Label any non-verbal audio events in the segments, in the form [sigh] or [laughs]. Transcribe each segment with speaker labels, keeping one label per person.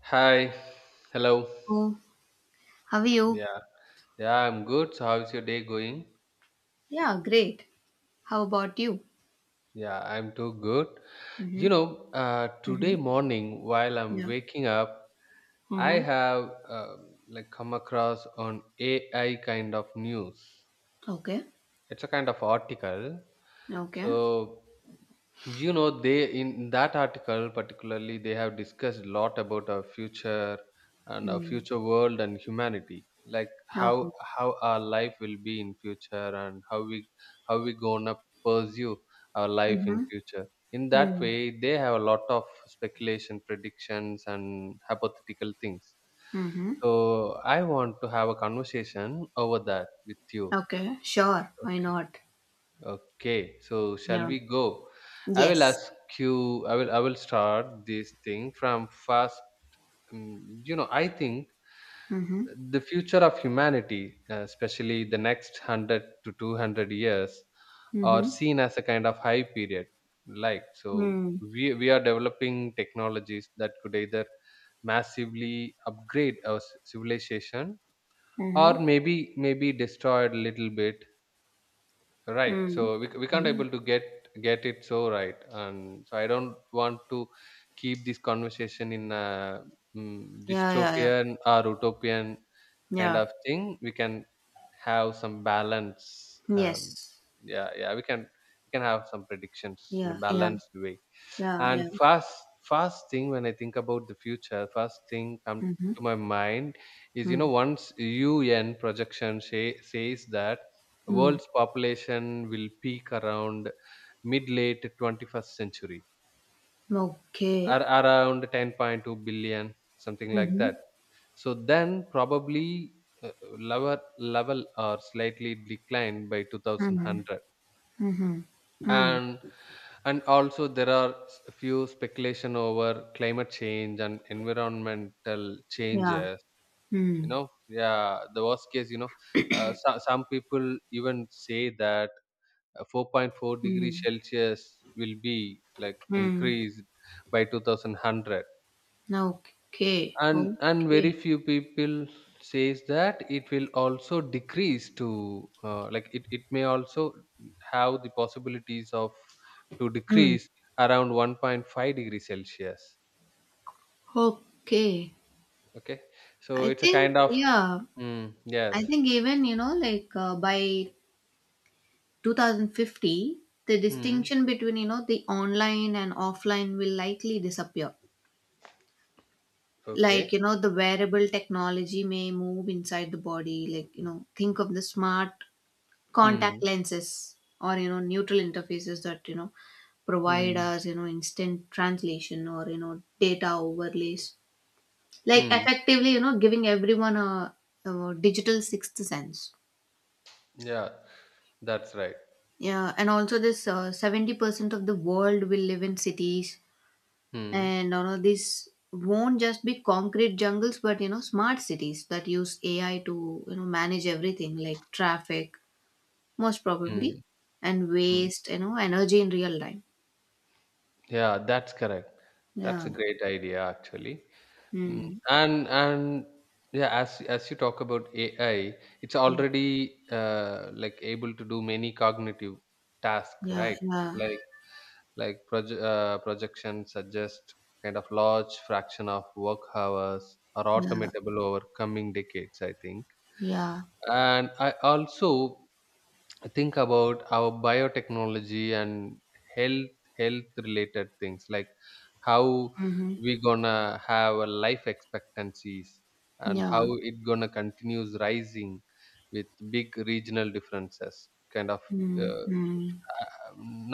Speaker 1: Hi. Hello.
Speaker 2: Oh, how are you?
Speaker 1: Yeah. Yeah, I'm good. So how's your day going?
Speaker 2: Yeah, great. How about you?
Speaker 1: Yeah, I'm too good.
Speaker 2: Mm-hmm. Mm-hmm.
Speaker 1: Today morning while I'm
Speaker 2: Yeah.
Speaker 1: waking up, I
Speaker 2: Mm-hmm.
Speaker 1: have like come across on AI kind of news.
Speaker 2: Okay.
Speaker 1: It's a kind of article.
Speaker 2: Okay.
Speaker 1: So they in that article particularly they have discussed a lot about our future and our
Speaker 2: Mm.
Speaker 1: future world and humanity, like how
Speaker 2: Okay.
Speaker 1: how our life will be in future, and how we gonna pursue our life in
Speaker 2: Mm-hmm.
Speaker 1: future. In that
Speaker 2: Mm.
Speaker 1: way they have a lot of speculation, predictions and hypothetical things.
Speaker 2: Mm-hmm.
Speaker 1: So I want to have a conversation over that with you.
Speaker 2: Okay. Sure. Why
Speaker 1: Okay.
Speaker 2: not?
Speaker 1: Okay, so shall
Speaker 2: Yeah.
Speaker 1: we go? I will
Speaker 2: Yes.
Speaker 1: ask you. I will start this thing from first. You know, I think
Speaker 2: Mm-hmm.
Speaker 1: the future of humanity, especially the next 100 to 200 years, are
Speaker 2: Mm-hmm.
Speaker 1: seen as a kind of high period. Like, so,
Speaker 2: Mm.
Speaker 1: we are developing technologies that could either massively upgrade our civilization, or
Speaker 2: Mm-hmm.
Speaker 1: maybe destroy it a little bit, right?
Speaker 2: Mm.
Speaker 1: So we can't
Speaker 2: Mm.
Speaker 1: able to get it so right, and so I don't want to keep this conversation in a
Speaker 2: Yeah, yeah, yeah.
Speaker 1: dystopian or utopian kind
Speaker 2: Yeah.
Speaker 1: of thing. We can have some balance.
Speaker 2: Yes.
Speaker 1: Yeah, yeah, we can have some predictions in a
Speaker 2: Yeah, yeah,
Speaker 1: balanced way.
Speaker 2: yeah,
Speaker 1: And
Speaker 2: yeah.
Speaker 1: first thing, when I think about the future, first thing come
Speaker 2: Mm-hmm.
Speaker 1: to my mind is, you know,
Speaker 2: Mm.
Speaker 1: once UN projection says that
Speaker 2: Mm.
Speaker 1: world's population will peak around mid late 21st century,
Speaker 2: Okay.
Speaker 1: around 10.2 billion, something like
Speaker 2: Mm-hmm.
Speaker 1: that. So then probably, uh, level or slightly decline by
Speaker 2: Mm-hmm.
Speaker 1: 2100.
Speaker 2: Mm-hmm. Mm.
Speaker 1: And and also there are few speculation over climate change and environmental
Speaker 2: Yeah.
Speaker 1: changes. You
Speaker 2: Mm,
Speaker 1: know, yeah, the worst case, some people even say that 4.4 degrees
Speaker 2: mm,
Speaker 1: Celsius will be like
Speaker 2: mm.
Speaker 1: increased by 2100.
Speaker 2: Okay,
Speaker 1: And very
Speaker 2: okay.
Speaker 1: few people says that it will also decrease to, like, it may also have the possibilities of to
Speaker 2: Mm,
Speaker 1: decrease around 1.5 degrees Celsius.
Speaker 2: okay.
Speaker 1: Okay. So
Speaker 2: I
Speaker 1: it's a
Speaker 2: think,
Speaker 1: kind of,
Speaker 2: yeah,
Speaker 1: mm, yes.
Speaker 2: I think even, you know, like by 2050, the
Speaker 1: Mm,
Speaker 2: distinction between, you know, the online and offline will likely disappear. Like,
Speaker 1: okay.
Speaker 2: you know, the wearable technology may move inside the body. Like, you know, think of the smart contact
Speaker 1: Mm.
Speaker 2: lenses or you know neutral interfaces that you know provide
Speaker 1: Mm.
Speaker 2: us you know instant translation or you know data overlays, like
Speaker 1: Mm,
Speaker 2: effectively you know giving everyone a digital sixth sense.
Speaker 1: yeah, that's right.
Speaker 2: Yeah, and also this 70% of the world will live in cities,
Speaker 1: Mm.
Speaker 2: and you know this won't just be concrete jungles but you know smart cities that use AI to you know manage everything like traffic, most probably,
Speaker 1: Mm.
Speaker 2: and
Speaker 1: Mm.
Speaker 2: waste, you know, energy in real time.
Speaker 1: Yeah, that's correct. That's
Speaker 2: Yeah.
Speaker 1: a great idea actually. Mm.
Speaker 2: Mm.
Speaker 1: And yeah, as you talk about AI, it's
Speaker 2: Yeah.
Speaker 1: already like able to do many cognitive tasks,
Speaker 2: Yeah.
Speaker 1: right? Like, projection suggest kind of large fraction of work hours are
Speaker 2: Yeah. Yeah.
Speaker 1: automatable over coming decades, I think.
Speaker 2: Yeah.
Speaker 1: And I also think about our biotechnology and health health related things, like how
Speaker 2: Mm-hmm.
Speaker 1: we gonna have a life expectancies and how
Speaker 2: Yeah.
Speaker 1: it gonna continues rising with big regional differences kind of.
Speaker 2: Mm.
Speaker 1: uh,
Speaker 2: Mm.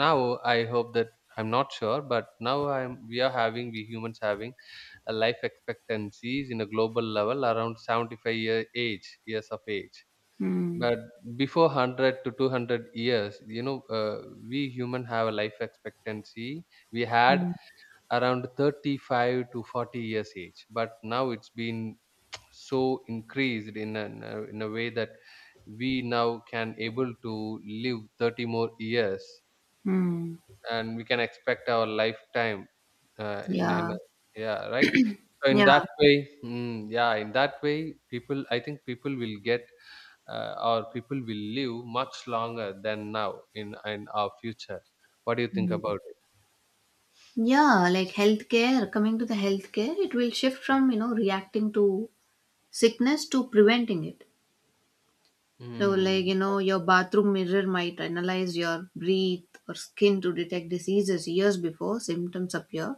Speaker 1: Now I hope that, I'm not sure, but now I'm we are having, we humans having a life expectancies in a global level around 75-year age years of age.
Speaker 2: Mm.
Speaker 1: But before 100 to 200 years, we human have a life expectancy. We had
Speaker 2: Mm.
Speaker 1: around 35 to 40 years age, but now it's been so increased in a, in a way that we now can able to live 30 more years,
Speaker 2: Mm.
Speaker 1: and we can expect our lifetime, uh, in, a- in
Speaker 2: Yeah.
Speaker 1: a, yeah, right. So in
Speaker 2: Yeah.
Speaker 1: that way, yeah, in that way, people I think people will get, our people will live much longer than now, in our future. What do you think
Speaker 2: Mm.
Speaker 1: about it?
Speaker 2: Yeah. Like healthcare, coming to the healthcare, it will shift from, you know, reacting to sickness to preventing it. So, like,
Speaker 1: Mm,
Speaker 2: you know,
Speaker 1: that's
Speaker 2: your bathroom mirror might analyze your breath or skin to detect diseases years before symptoms appear.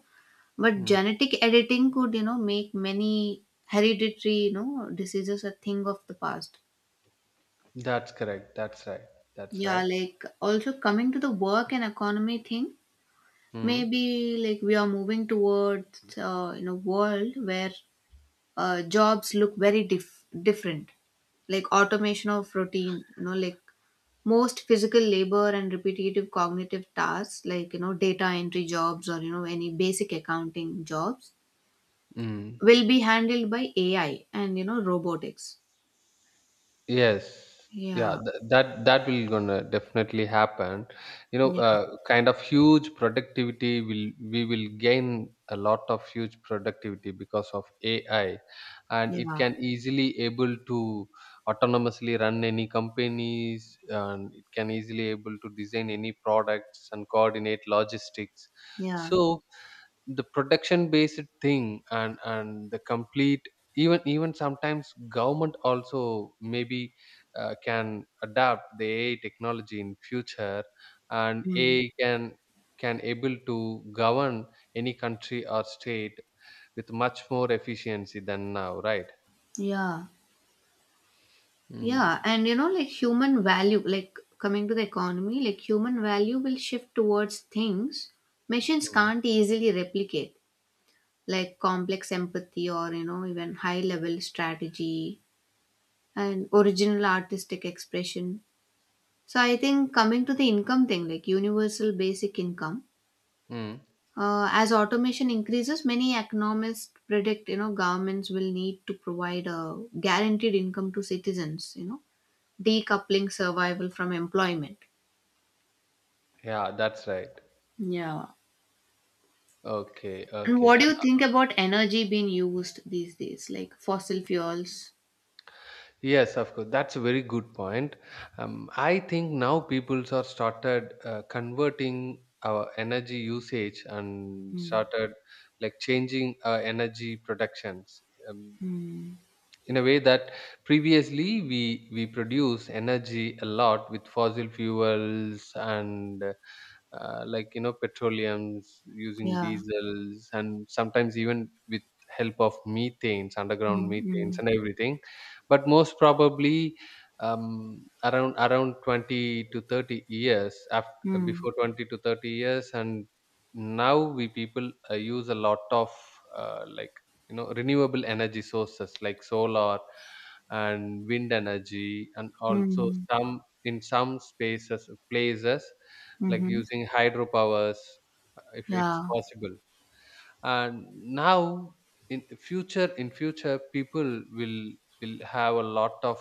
Speaker 2: But
Speaker 1: right. Mm,
Speaker 2: genetic editing could, you know, make many hereditary, you know, diseases a thing of the past.
Speaker 1: that's correct. That's right. That's
Speaker 2: Yeah,
Speaker 1: right.
Speaker 2: like also coming to the work and economy thing,
Speaker 1: Mm.
Speaker 2: maybe like we are moving towards, you know, world where jobs look very different, like automation of routine, you know, like most physical labor and repetitive cognitive tasks, like, you know, data entry jobs or, you know, any basic accounting jobs
Speaker 1: Mm.
Speaker 2: will be handled by AI and you know robotics.
Speaker 1: Yes, yeah,
Speaker 2: Yeah,
Speaker 1: that will gonna definitely happen. You know,
Speaker 2: yeah,
Speaker 1: kind of huge productivity will, we will gain a lot of huge productivity because of AI, and it
Speaker 2: yeah,
Speaker 1: can easily able to autonomously run any companies, and it can easily able to design any products and coordinate logistics.
Speaker 2: yeah,
Speaker 1: So the production based thing, and the complete, even sometimes government also maybe can adapt the AI technology in future, and
Speaker 2: mm,
Speaker 1: AI can able to govern any country or state with much more efficiency than now, right?
Speaker 2: yeah, yeah.
Speaker 1: Mm.
Speaker 2: And you know, like human value, like coming to the economy, like human value will shift towards things machines
Speaker 1: Mm.
Speaker 2: can't easily replicate, like complex empathy or you know even high level strategy and original artistic expression. So I think coming to the income thing, like universal basic income.
Speaker 1: Mm.
Speaker 2: As automation increases, many economists predict you know governments will need to provide a guaranteed income to citizens, you know, decoupling survival from employment.
Speaker 1: Yeah, that's right.
Speaker 2: Yeah.
Speaker 1: Okay,
Speaker 2: And
Speaker 1: okay,
Speaker 2: what
Speaker 1: and,
Speaker 2: do you think about energy being used these days, like fossil fuels?
Speaker 1: yes, of course, that's a very good point. I think now people are started converting our energy usage and
Speaker 2: Mm,
Speaker 1: started like changing our energy productions, um,
Speaker 2: mm.
Speaker 1: in a way that previously we produce energy a lot with fossil fuels, and, like, petroleums using
Speaker 2: Yeah.
Speaker 1: diesels, and sometimes even with help of methanes,
Speaker 2: mm,
Speaker 1: underground methanes
Speaker 2: mm,
Speaker 1: and everything. But most probably, around 20 to 30 years after,
Speaker 2: mm,
Speaker 1: before 20 to 30 years, and now we people use a lot of, like, renewable energy sources like solar and wind energy, and also
Speaker 2: mm,
Speaker 1: some, in some spaces places, like
Speaker 2: mm-hmm.
Speaker 1: using hydropowers, if it's
Speaker 2: Yeah.
Speaker 1: possible. And now in future, people will, have a lot of,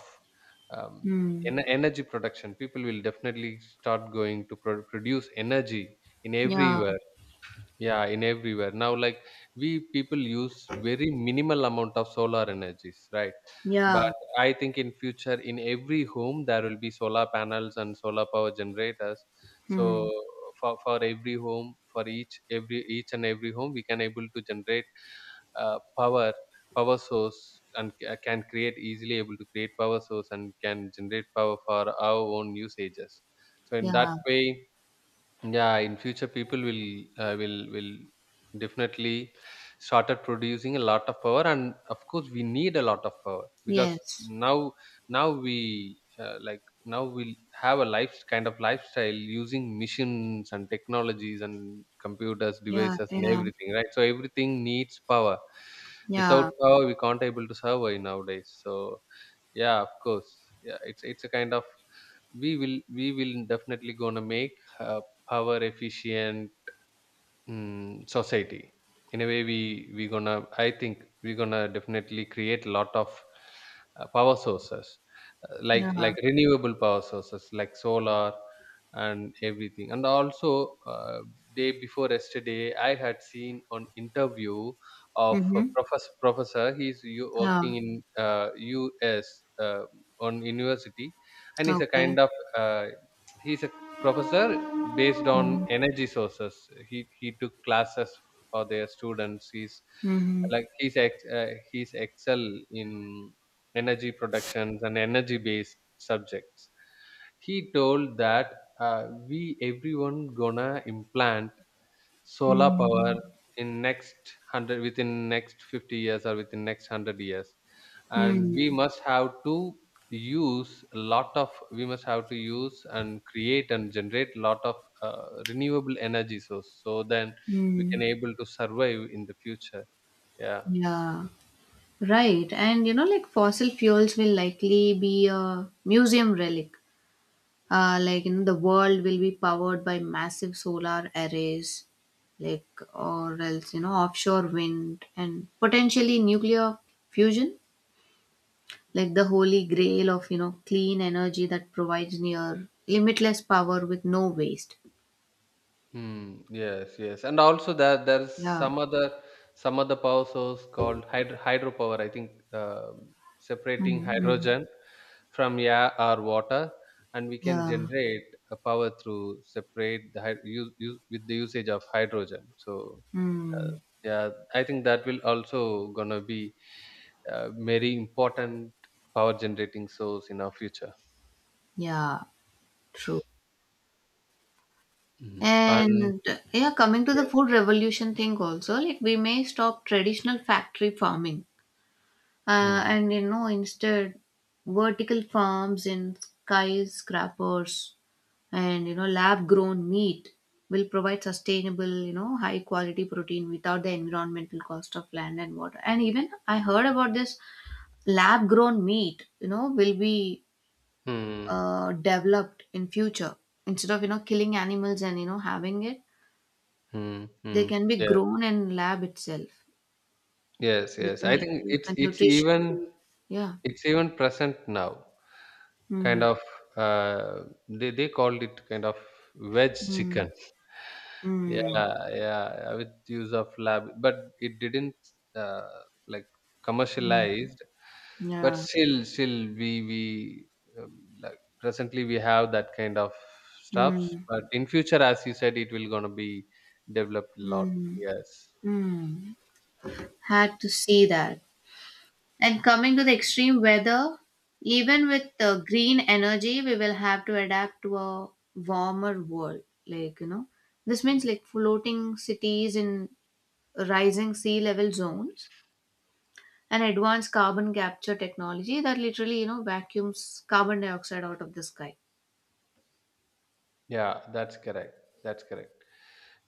Speaker 1: um,
Speaker 2: Mm.
Speaker 1: energy production. People will definitely start going to produce energy in
Speaker 2: Yeah.
Speaker 1: everywhere. Yeah, in everywhere. Now, like, we people use very minimal amount of solar energies, right?
Speaker 2: Yeah.
Speaker 1: But I think in future, in every home, there will be solar panels and solar power generators.
Speaker 2: Mm.
Speaker 1: So for every home, for each and every home, we can able to generate, uh, power power source, and ca- can create easily able to create power source, and can generate power for our own usages. So, in that
Speaker 2: Yeah.
Speaker 1: way, yeah, in future, people will, uh, will will definitely started producing a lot of power. And of course we need a lot of power, because
Speaker 2: Yes.
Speaker 1: now now we like, now we'll have a life, kind of lifestyle, using machines and technologies and computers
Speaker 2: Yeah.
Speaker 1: devices and
Speaker 2: Yeah.
Speaker 1: everything, right? So everything needs power. Without
Speaker 2: Yeah.
Speaker 1: power we can't able to survive nowadays. So, yeah, of course. Yeah, it's a kind of, we will definitely gonna make, uh, our efficient, society in a way we gonna I think we're gonna definitely create a lot of, power sources, like,
Speaker 2: Yeah.
Speaker 1: renewable power sources like solar and everything. And also, uh, day before yesterday I had seen an interview of a
Speaker 2: Mhm.
Speaker 1: professor. He's
Speaker 2: Yeah.
Speaker 1: working in, US, uh, on university, and he's a
Speaker 2: Okay.
Speaker 1: kind of, uh, he's a professor based on
Speaker 2: Mhm.
Speaker 1: energy sources. He took classes for their students. He's
Speaker 2: Mhm.
Speaker 1: like, he's excel in energy productions and energy based subjects. He told that, we everyone gonna implant solar power
Speaker 2: Mhm.
Speaker 1: in next 100, within next 50 years, or within next 100 years. And we
Speaker 2: Mhm.
Speaker 1: must have to use a lot of, we must have to use and create and generate a lot of renewable energy source, so then we can
Speaker 2: Mhm.
Speaker 1: able to survive in the future. Yeah.
Speaker 2: Yeah. Right. And you know, like fossil fuels will likely be a museum relic. Like you know, the world will be powered by massive solar arrays, like, or else you know, offshore wind and potentially nuclear fusion, like the holy grail of you know clean energy that provides near limitless power with no waste.
Speaker 1: Mm, yes, yes. And also there's
Speaker 2: Yeah.
Speaker 1: some other, power source called hydropower. I think,
Speaker 2: Mm,
Speaker 1: separating
Speaker 2: mm.
Speaker 1: hydrogen from air or water, and we can
Speaker 2: Yeah.
Speaker 1: generate a power through use with the usage of hydrogen. So, uh,
Speaker 2: Mm.
Speaker 1: yeah, I think that will also gonna be a very important power generating source in our future.
Speaker 2: Yeah, true.
Speaker 1: Mm. And
Speaker 2: And yeah, coming to the
Speaker 1: yes.
Speaker 2: food revolution thing also, like we may stop traditional factory farming,
Speaker 1: Hmm.
Speaker 2: and you know instead vertical farms in skyscrapers and you know lab grown meat will provide sustainable, you know, high quality protein without the environmental cost of land and water. And even I heard about this lab grown meat, you know, will be
Speaker 1: Hmm.
Speaker 2: developed in future, instead of you know killing animals and you know having it,
Speaker 1: Hmm.
Speaker 2: they
Speaker 1: Mm.
Speaker 2: can be grown in lab itself
Speaker 1: Yes,
Speaker 2: with
Speaker 1: yes, I think
Speaker 2: like a
Speaker 1: it's it's
Speaker 2: nutrition
Speaker 1: even
Speaker 2: food. Yeah.
Speaker 1: it's even present now. Kind
Speaker 2: Mm,
Speaker 1: of, they called it kind of veg
Speaker 2: mm,
Speaker 1: chicken. Yeah,
Speaker 2: mm,
Speaker 1: yeah, yeah, with use of lab, but it didn't, uh, like,
Speaker 2: mm.
Speaker 1: commercialized. But
Speaker 2: Yeah.
Speaker 1: still we like, presently we have that kind of stuffs.
Speaker 2: Mm,
Speaker 1: But in future, as you said, it will gonna be developed a lot.
Speaker 2: mm,
Speaker 1: Yes.
Speaker 2: mm. Had to see that. And coming to the extreme weather, even with green energy we will have to adapt to a warmer world, like, you know, this means like floating cities in rising sea level zones and advanced carbon capture technology that literally you know vacuums carbon dioxide out of the sky.
Speaker 1: Yeah, that's correct. That's correct.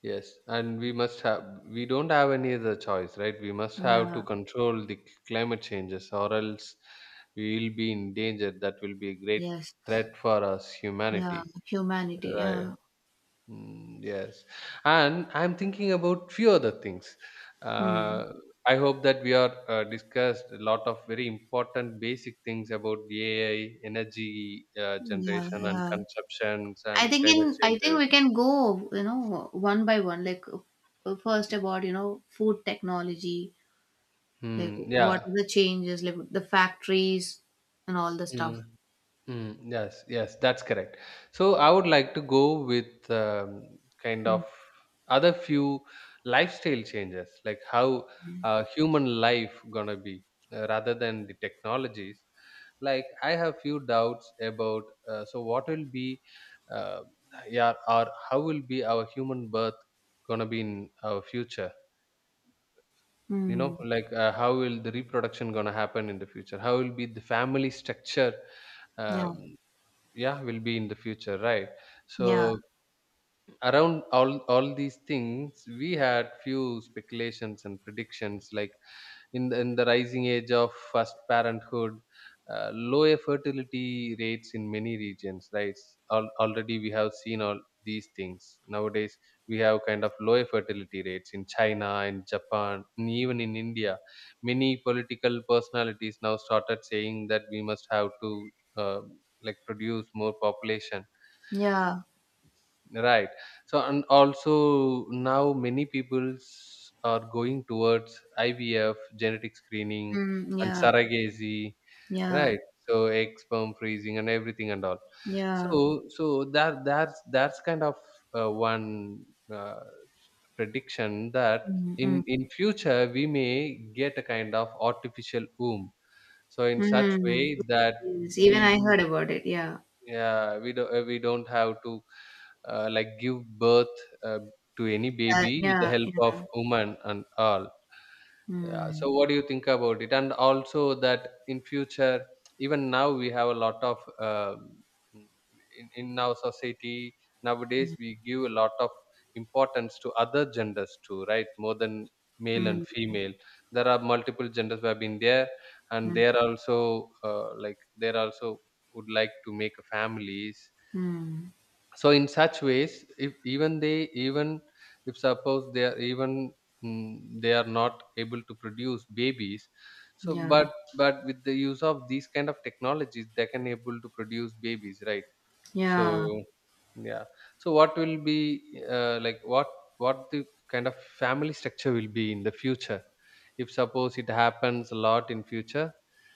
Speaker 1: Yes, and we don't have any other choice, right? We must have to
Speaker 2: Yeah.
Speaker 1: control the climate changes, or else we will be in danger. That will be a great
Speaker 2: Yes.
Speaker 1: threat for us,
Speaker 2: Yeah,
Speaker 1: humanity.
Speaker 2: humanity,
Speaker 1: Right.
Speaker 2: yeah.
Speaker 1: Mm, yes. And I'm thinking about few other things.
Speaker 2: Hmm.
Speaker 1: Uh, I hope that we are discussed a lot of very important basic things about the AI, energy,
Speaker 2: Yeah,
Speaker 1: generation and
Speaker 2: yeah,
Speaker 1: consumptions
Speaker 2: i
Speaker 1: and
Speaker 2: think
Speaker 1: climate
Speaker 2: in i think
Speaker 1: changes.
Speaker 2: we can go you know one by one, like first about you know food technology, like
Speaker 1: Hmm.
Speaker 2: what
Speaker 1: Yeah.
Speaker 2: are the changes, like the factories and all the stuff.
Speaker 1: Hmm. Mm, yes, yes, that's correct. So I would like to go with, kind of
Speaker 2: Mm.
Speaker 1: other few lifestyle changes, like how human life gonna be, rather than the technologies. Like, I have few doubts about, what will be, uh, yeah, or how will be our human birth gonna be in our future? You know,
Speaker 2: Mm.
Speaker 1: like, how will the reproduction gonna happen in the future? How will be the family structure?
Speaker 2: Yeah,
Speaker 1: Um, yeah, will be in the future, right?
Speaker 2: yeah,
Speaker 1: So, around all these things we had few speculations and predictions, like, in in the rising age of first parenthood, low fertility rates in many regions, right? Already we have seen all these things nowadays. We have kind of low fertility rates in China and Japan and even in India. Many political personalities now started saying that we must have to, like, produce more population.
Speaker 2: yeah.
Speaker 1: Right. So, and also now many peoples are going towards IVF, genetic screening,
Speaker 2: Mm.
Speaker 1: and
Speaker 2: Yeah,
Speaker 1: surrogacy,
Speaker 2: yeah.
Speaker 1: right? So, egg sperm freezing and everything and all.
Speaker 2: Yeah.
Speaker 1: So that's kind of one uh, prediction that
Speaker 2: Mm, hmm,
Speaker 1: in future we may get a kind of artificial womb. So, in such
Speaker 2: mm.
Speaker 1: way that
Speaker 2: Yes, even
Speaker 1: we
Speaker 2: I heard about it. Yeah.
Speaker 1: yeah, we don't have to like give birth uh, to any
Speaker 2: That,
Speaker 1: baby with the
Speaker 2: yeah,
Speaker 1: help of
Speaker 2: yeah.
Speaker 1: woman and all. Yeah.
Speaker 2: Mm,
Speaker 1: So what do you think about it? And also that in future, even now we have a lot of in our society nowadays we give a lot of importance to other genders too, right? More than male and
Speaker 2: mm,
Speaker 1: female. There are multiple genders who have been there, and
Speaker 2: mm,
Speaker 1: they are also like they are also would like to make families.
Speaker 2: mm.
Speaker 1: So in such ways, if even they even if suppose they are even mm, they are not able to produce babies, so
Speaker 2: Yeah.
Speaker 1: but with the use of these kind of technologies they can able to produce babies, right? So
Speaker 2: Yeah.
Speaker 1: yeah, so what will be like what the kind of family structure will be in the future if suppose it happens a lot in future.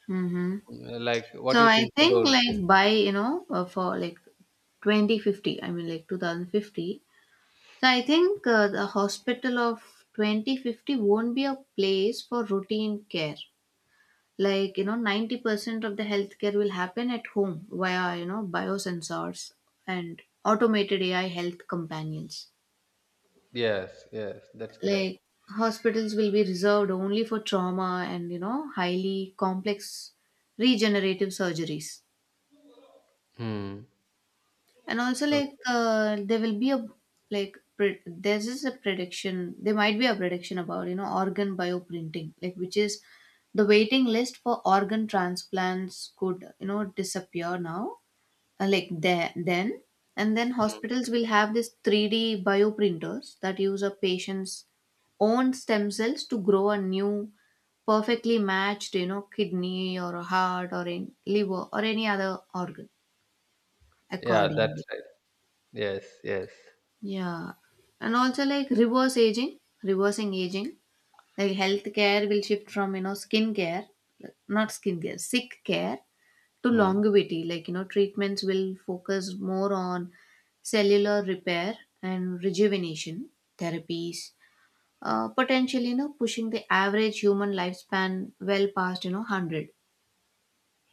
Speaker 2: Mm-hmm.
Speaker 1: Mm, like what do
Speaker 2: So
Speaker 1: you
Speaker 2: I
Speaker 1: think
Speaker 2: think
Speaker 1: about this?
Speaker 2: like by, you know, for like 2050, I mean like 2050. So I think the hospital of 2050 won't be a place for routine care. Like, you know, 90% of the healthcare will happen at home via, you know, biosensors and automated AI health companions.
Speaker 1: Yes, yes, that's correct.
Speaker 2: Like, hospitals will be reserved only for trauma and, you know, highly complex regenerative surgeries.
Speaker 1: Hmm.
Speaker 2: And also,
Speaker 1: Okay.
Speaker 2: like, there will be a, like, there's just a prediction, there might be a prediction about, you know, organ bioprinting, like, which is the waiting list for organ transplants could you know disappear now. Uh, like there then and then
Speaker 1: Hmm.
Speaker 2: hospitals will have this 3D bioprinters that use a patient's own stem cells to grow a new, perfectly matched, you know, kidney or a heart or in liver or any other organ
Speaker 1: Yeah, that's
Speaker 2: accordingly.
Speaker 1: right. Yes, yes.
Speaker 2: Yeah. And also like reverse aging, reversing aging, like healthcare will shift from you know skin care, not skin care, sick care, to
Speaker 1: Hmm.
Speaker 2: longevity, like you know treatments will focus more on cellular repair and rejuvenation therapies, potentially you know pushing the average human lifespan well past you know 100.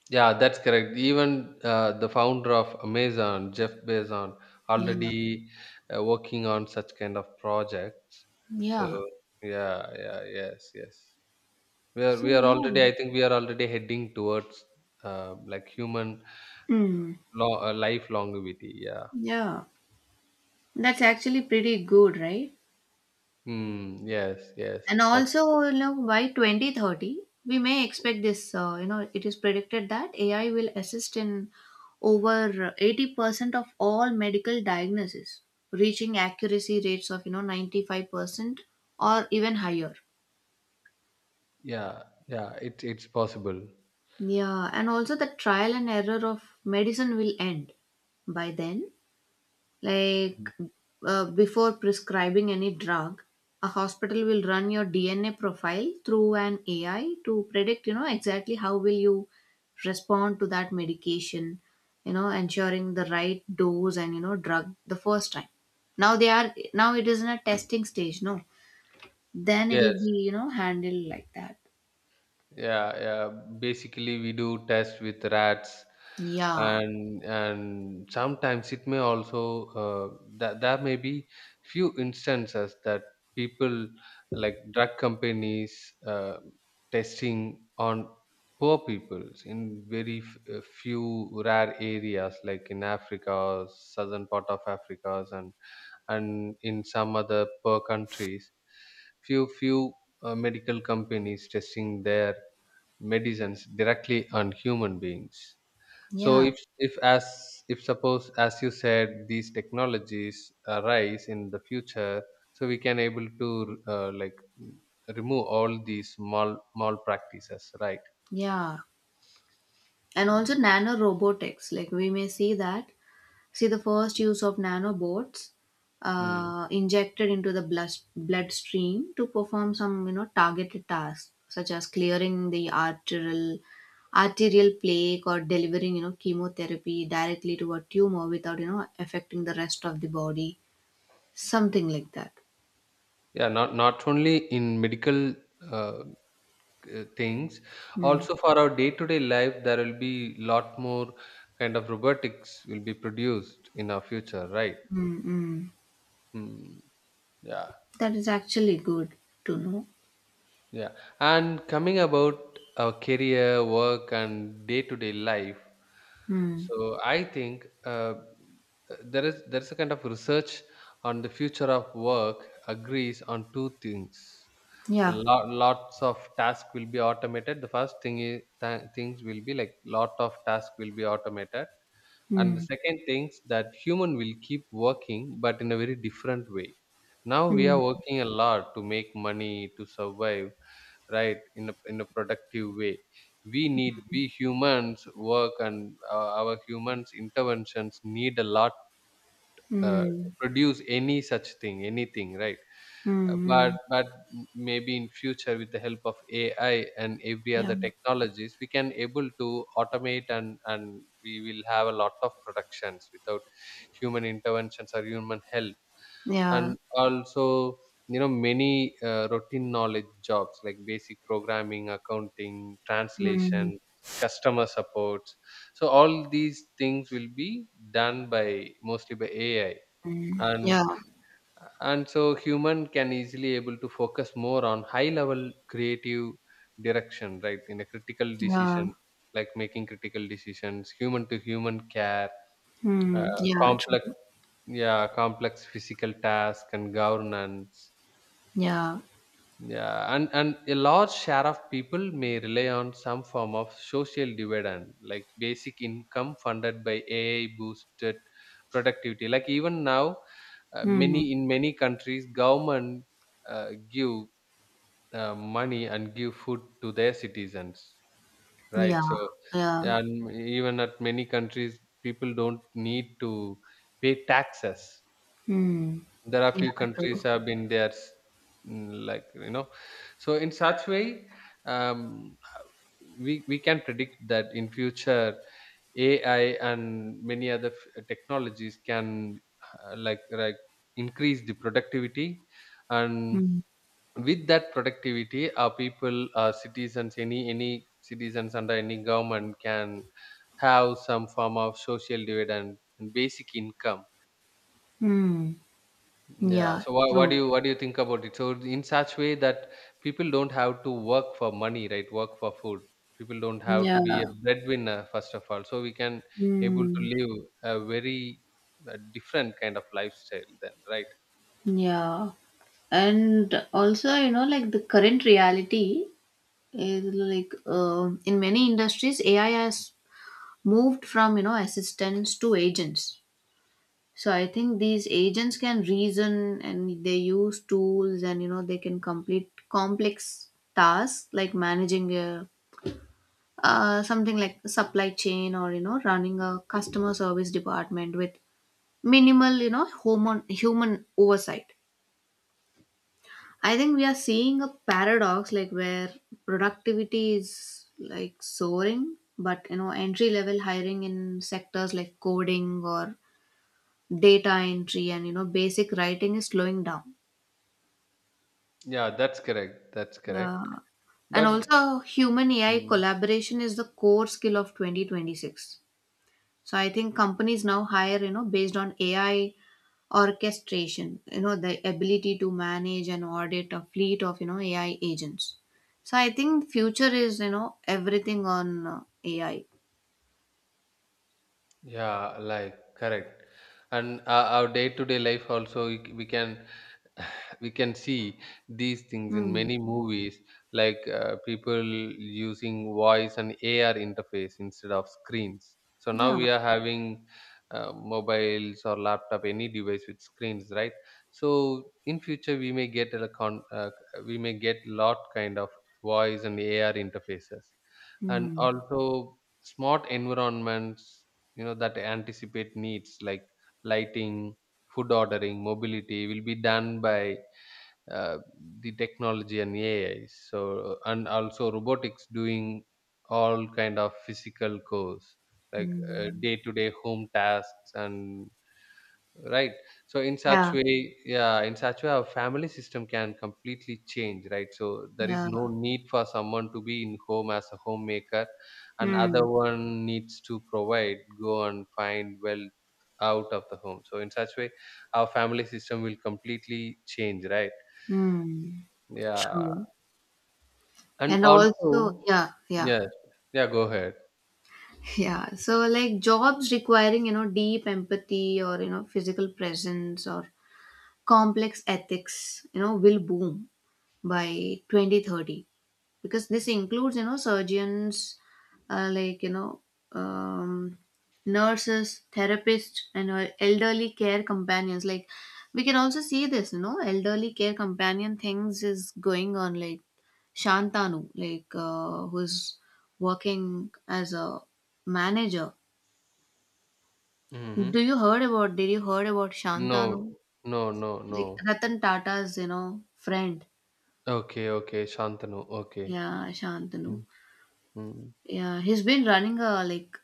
Speaker 1: Yeah, that's correct. Even the founder of Amazon, Jeff Bezos,
Speaker 2: Yeah.
Speaker 1: already working on such kind of projects. So
Speaker 2: Yeah,
Speaker 1: yeah, yeah, yes, yes. We are
Speaker 2: so
Speaker 1: we are
Speaker 2: yeah.
Speaker 1: already. I think we are already heading towards like human
Speaker 2: Mm.
Speaker 1: life longevity. Yeah.
Speaker 2: Yeah, that's actually pretty good, right?
Speaker 1: Hmm. Yes, yes.
Speaker 2: And
Speaker 1: That's
Speaker 2: also, you know, by 2030, we may expect this, you know, it is predicted that AI will assist in over 80% of all medical diagnoses, reaching accuracy rates of, you know, 95% or even higher.
Speaker 1: yeah, yeah. It's possible.
Speaker 2: Yeah, and also the trial and error of medicine will end. By then,
Speaker 1: Mm.
Speaker 2: like before prescribing any drug, a hospital will run your DNA profile through an AI to predict, you know, exactly how will you respond to that medication, you know, ensuring the right dose and you know drug the first time. Now they are, now it is in a testing stage, no. Then it'll
Speaker 1: Yes.
Speaker 2: be, you know, handled like that.
Speaker 1: Yeah, yeah, basically we do test with rats,
Speaker 2: Yeah.
Speaker 1: and sometimes it may also that there may be few instances that people, like drug companies testing on poor peoples in very few rare areas like in Africa, southern part of Africa, and in some other poor countries. Few few medical companies testing there medicines directly on human beings. So
Speaker 2: Yeah.
Speaker 1: if as if suppose as you said these technologies arise in the future, so we can able to like remove all these mal practices, right?
Speaker 2: Yeah. And also
Speaker 1: Mm.
Speaker 2: nanorobotics. Like we may see that, see the first use of nanobots
Speaker 1: Mm.
Speaker 2: injected into the bloodstream to perform some you know targeted tasks such as clearing the arterial plaque or delivering you know chemotherapy directly to a tumor without you know affecting the rest of the body, something like that.
Speaker 1: Yeah, not only in medical uh, things,
Speaker 2: Mm.
Speaker 1: also for our day to day life there will be lot more kind of robotics will be produced in our future, right?
Speaker 2: Mm, mm.
Speaker 1: Mm. Yeah.
Speaker 2: That is actually good to know.
Speaker 1: Yeah, and coming about our career, work, and day-to-day life,
Speaker 2: Mm.
Speaker 1: so I think there is a kind of research on the future of work agrees on two things.
Speaker 2: Yeah.
Speaker 1: Lot, lots of task will be automated. The first thing is things will be like lot of task will be automated, and the
Speaker 2: Mm.
Speaker 1: second things that human will keep working but in a very different way. Now we
Speaker 2: Mm.
Speaker 1: are working a lot to make money to survive, right, in a productive way. We humans work and our humans interventions need a lot to
Speaker 2: Mm.
Speaker 1: produce any such thing anything, right?
Speaker 2: Mm.
Speaker 1: uh, but
Speaker 2: Mm.
Speaker 1: but maybe in future with the help of AI and every
Speaker 2: Yeah.
Speaker 1: other technologies we can able to automate, and we will have a lot of productions without human interventions or human help.
Speaker 2: Yeah.
Speaker 1: And also, you know, many routine knowledge jobs like basic programming, accounting,
Speaker 2: Mm.
Speaker 1: translation, customer supports, so all these things will be done by, mostly by, AI, and
Speaker 2: Yeah.
Speaker 1: and so human can easily able to focus more on high level creative direction, right, in a critical
Speaker 2: Yeah.
Speaker 1: decision, like making critical decisions, human to human care,
Speaker 2: Hmm. Yeah,
Speaker 1: complex,
Speaker 2: true.
Speaker 1: yeah, complex physical task, and governance.
Speaker 2: Yeah.
Speaker 1: Yeah, and a large share of people may rely on some form of social dividend, like basic income funded by AI boosted productivity. Like even now,
Speaker 2: Hmm.
Speaker 1: many, in many countries, government give money and give food to their citizens, right?
Speaker 2: Yeah.
Speaker 1: So
Speaker 2: Yeah.
Speaker 1: yeah, and even at many countries, people don't need to pay taxes.
Speaker 2: Hmm.
Speaker 1: There are
Speaker 2: Yeah,
Speaker 1: few countries
Speaker 2: true.
Speaker 1: have been there s- like, you know. So in such way, um, we can predict that in future AI and many other technologies can like increase the productivity, and
Speaker 2: Hmm.
Speaker 1: with that productivity our people, our citizens, any citizens under any government can have some form of social dividend and basic income.
Speaker 2: Hmm.
Speaker 1: Yeah.
Speaker 2: Yeah,
Speaker 1: So
Speaker 2: true.
Speaker 1: what do you think about it? So in such way that people don't have to work for money, right? Work for food. People don't have to be a
Speaker 2: Yeah.
Speaker 1: breadwinner first of all. So we can able to
Speaker 2: Hmm.
Speaker 1: live a very different kind of lifestyle then, right?
Speaker 2: Yeah. And also, you know, like the current reality is like, um, in many industries, AI has moved from, you know, assistants to agents. So I think these agents can reason and they use tools, and you know they can complete complex tasks like managing a something like supply chain or you know running a customer service department with minimal you know human oversight. I think we are seeing a paradox like where productivity is like soaring, but you know entry level hiring in sectors like coding or data entry and you know basic writing is slowing down.
Speaker 1: Yeah, that's correct. That's
Speaker 2: Yeah.
Speaker 1: correct.
Speaker 2: And
Speaker 1: But.
Speaker 2: also, human AI
Speaker 1: Mm.
Speaker 2: collaboration is the core skill of 2026. So I think companies now hire, you know, based on AI orchestration, you know, the ability to manage and audit a fleet of, you know, AI agents. So I think future is, you know, everything on AI.
Speaker 1: Yeah, like, correct. And our day to day life also we, we can [sighs] we can see these things in
Speaker 2: Hmm.
Speaker 1: many movies, like people using voice and AR interface instead of screens. So now
Speaker 2: Yeah.
Speaker 1: we are having mobiles or laptop, any device with screens, right? So in future we may get a we may get lot kind of voice and AR interfaces, and
Speaker 2: Hmm.
Speaker 1: also smart environments, you know, that anticipate needs like lighting, food ordering, mobility will be done by uh, the technology and AI. So and also robotics doing all kind of physical chores like
Speaker 2: Hmm.
Speaker 1: day to day home tasks and, right? So in such
Speaker 2: Yeah.
Speaker 1: way, yeah, in such way our family system can completely change, right? So there is
Speaker 2: Yeah.
Speaker 1: no need for someone to be in home as a homemaker and
Speaker 2: Hmm.
Speaker 1: other one needs to provide, go and find wealth out of the home. So in such way our family system will completely change, right?
Speaker 2: Hmm.
Speaker 1: Yeah.
Speaker 2: True.
Speaker 1: And
Speaker 2: And also,
Speaker 1: also,
Speaker 2: yeah, yeah.
Speaker 1: yeah, yeah, go ahead.
Speaker 2: Yeah, so like jobs requiring, you know, deep empathy or, you know, physical presence or complex ethics, you know, will boom by 2030, because this includes you know surgeons, like, you know, um, nurses, therapists, and elderly care companions, like we can also see this you know elderly care companion things is going on, like Shantanu, like who's working as a manager.
Speaker 1: Mm-hmm.
Speaker 2: Do you heard about Did you heard about
Speaker 1: No,
Speaker 2: Shantanu?
Speaker 1: no, no. No,
Speaker 2: The Ratan Tata's, you know, friend.
Speaker 1: okay, okay. Shantanu, okay.
Speaker 2: Yeah, Shantanu.
Speaker 1: Mm-hmm.
Speaker 2: Yeah, he's been running a like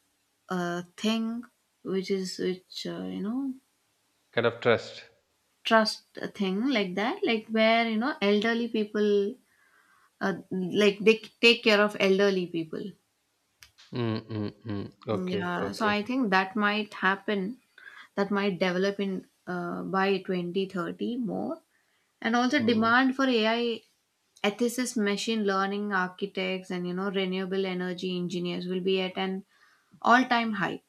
Speaker 2: a thing which is which you know,
Speaker 1: Kind of trust.
Speaker 2: trust a thing like that, like where you know elderly people, like they take care of elderly people.
Speaker 1: Mm, mm, mm.
Speaker 2: Mm.
Speaker 1: Okay,
Speaker 2: Yeah, so
Speaker 1: okay.
Speaker 2: I think that might happen. That might develop in by 2030 more, and also
Speaker 1: Mm,
Speaker 2: demand for AI ethicists, machine learning architects, and you know renewable energy engineers will be at an all-time high.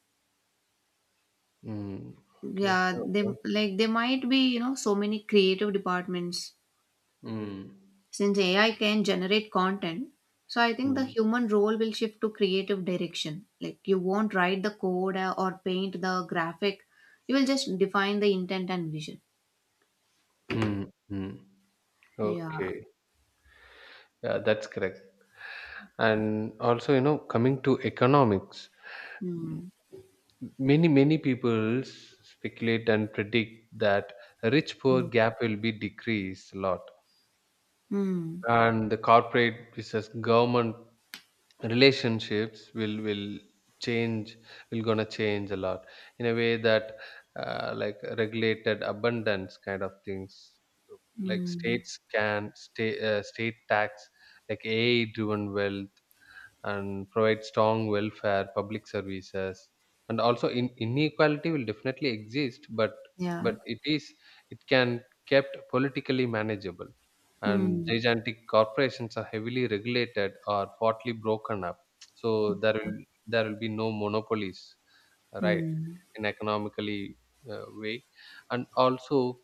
Speaker 1: mm. Okay,
Speaker 2: Yeah, they,
Speaker 1: okay.
Speaker 2: like there might be you know so many creative departments,
Speaker 1: Mm,
Speaker 2: since AI can generate content, so I think the
Speaker 1: mm,
Speaker 2: human role will shift to creative direction, like you won't write the code or paint the graphic, you will just define the intent and vision.
Speaker 1: mm, mm.
Speaker 2: Yeah.
Speaker 1: Okay. Yeah, that's correct. And also, you know, coming to economics, m-
Speaker 2: Mm.
Speaker 1: many, many people speculate and predict that rich poor
Speaker 2: Mm.
Speaker 1: gap will be decreased a lot.
Speaker 2: Mm.
Speaker 1: And the corporate versus government relationships will change, will gonna change a lot in a way that like regulated abundance kind of things, like
Speaker 2: Mm.
Speaker 1: states can state tax like AI driven wealth and provide strong welfare, public services, and also inequality will definitely exist, but
Speaker 2: Yeah.
Speaker 1: it is, it can kept politically manageable, and
Speaker 2: Mm.
Speaker 1: gigantic corporations are heavily regulated or partly broken up. So there will be no monopolies, right?
Speaker 2: Mm.
Speaker 1: In economically way, and also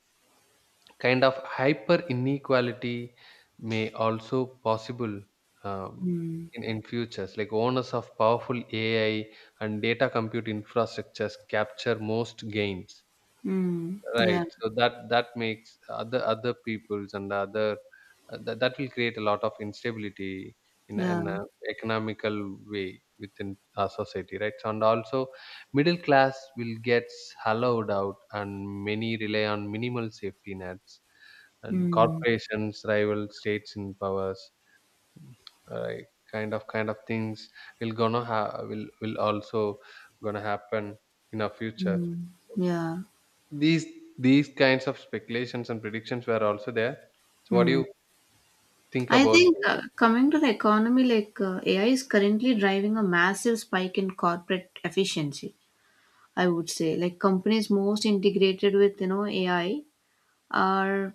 Speaker 1: kind of hyper inequality may also possible, um,
Speaker 2: Mm.
Speaker 1: in futures like owners of powerful AI and data compute infrastructures capture most gains,
Speaker 2: Mm. Yeah,
Speaker 1: right? So that, that makes other, other peoples and other that, that will create a lot of instability in
Speaker 2: yeah,
Speaker 1: an economical way within our society, right? So, and also middle class will get hollowed out and many rely on minimal safety nets and
Speaker 2: mm.
Speaker 1: corporations rival states in powers, right? Kind of things will also gonna happen in our future.
Speaker 2: Mm. Yeah.
Speaker 1: these these kinds of speculations and predictions were also there. So what do
Speaker 2: Mm.
Speaker 1: you think
Speaker 2: I
Speaker 1: about
Speaker 2: think
Speaker 1: those?
Speaker 2: coming to the economy, like AI is currently driving a massive spike in corporate efficiency. I would say, like companies most integrated with you know AI are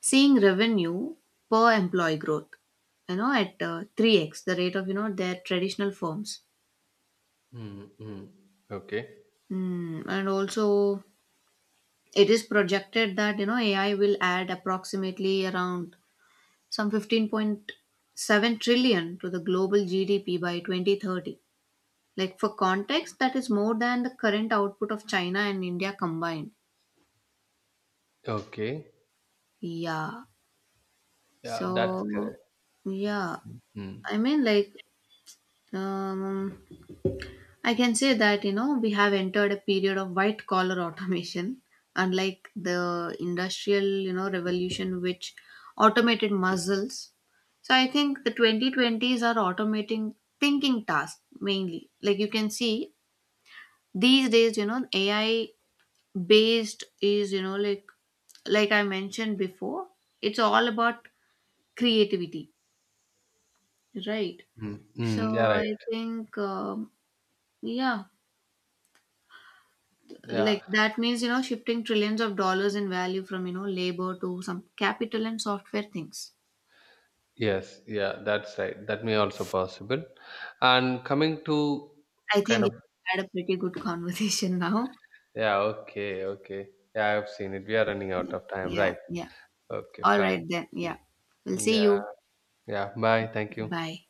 Speaker 2: seeing revenue per employee growth, you know, at three x the rate of you know their traditional firms.
Speaker 1: Mm-hmm. Okay,
Speaker 2: Mm, and also, it is projected that you know AI will add approximately around some 15.7 trillion to the global GDP by 2030. Like for context, that is more than the current output of China and India combined.
Speaker 1: okay.
Speaker 2: Yeah.
Speaker 1: Yeah, that's correct.
Speaker 2: So yeah,
Speaker 1: Mm-hmm.
Speaker 2: I mean, like, um, I can say that, you know, we have entered a period of white collar [laughs] automation, unlike the industrial, you know, revolution which automated muscles. So I think the 2020s are automating thinking tasks mainly. Like you can see these days, you know, AI based is you know like I mentioned before, it's all about creativity, right?
Speaker 1: Mm-hmm.
Speaker 2: So
Speaker 1: Yeah,
Speaker 2: I
Speaker 1: right.
Speaker 2: think, yeah,
Speaker 1: Yeah.
Speaker 2: like that means you know shifting trillions of dollars in value from you know labor to some capital and software things.
Speaker 1: Yes, yeah, that's right, that may also possible. And coming to
Speaker 2: I think
Speaker 1: kind
Speaker 2: we
Speaker 1: of —
Speaker 2: had a pretty good [laughs] conversation now.
Speaker 1: yeah, okay, okay. Yeah, I've seen it. We are running out
Speaker 2: Yeah,
Speaker 1: of time,
Speaker 2: yeah,
Speaker 1: right?
Speaker 2: yeah.
Speaker 1: Okay,
Speaker 2: All right
Speaker 1: fine.
Speaker 2: then, yeah, we'll see
Speaker 1: Yeah,
Speaker 2: you.
Speaker 1: yeah. Bye. Thank you.
Speaker 2: Bye.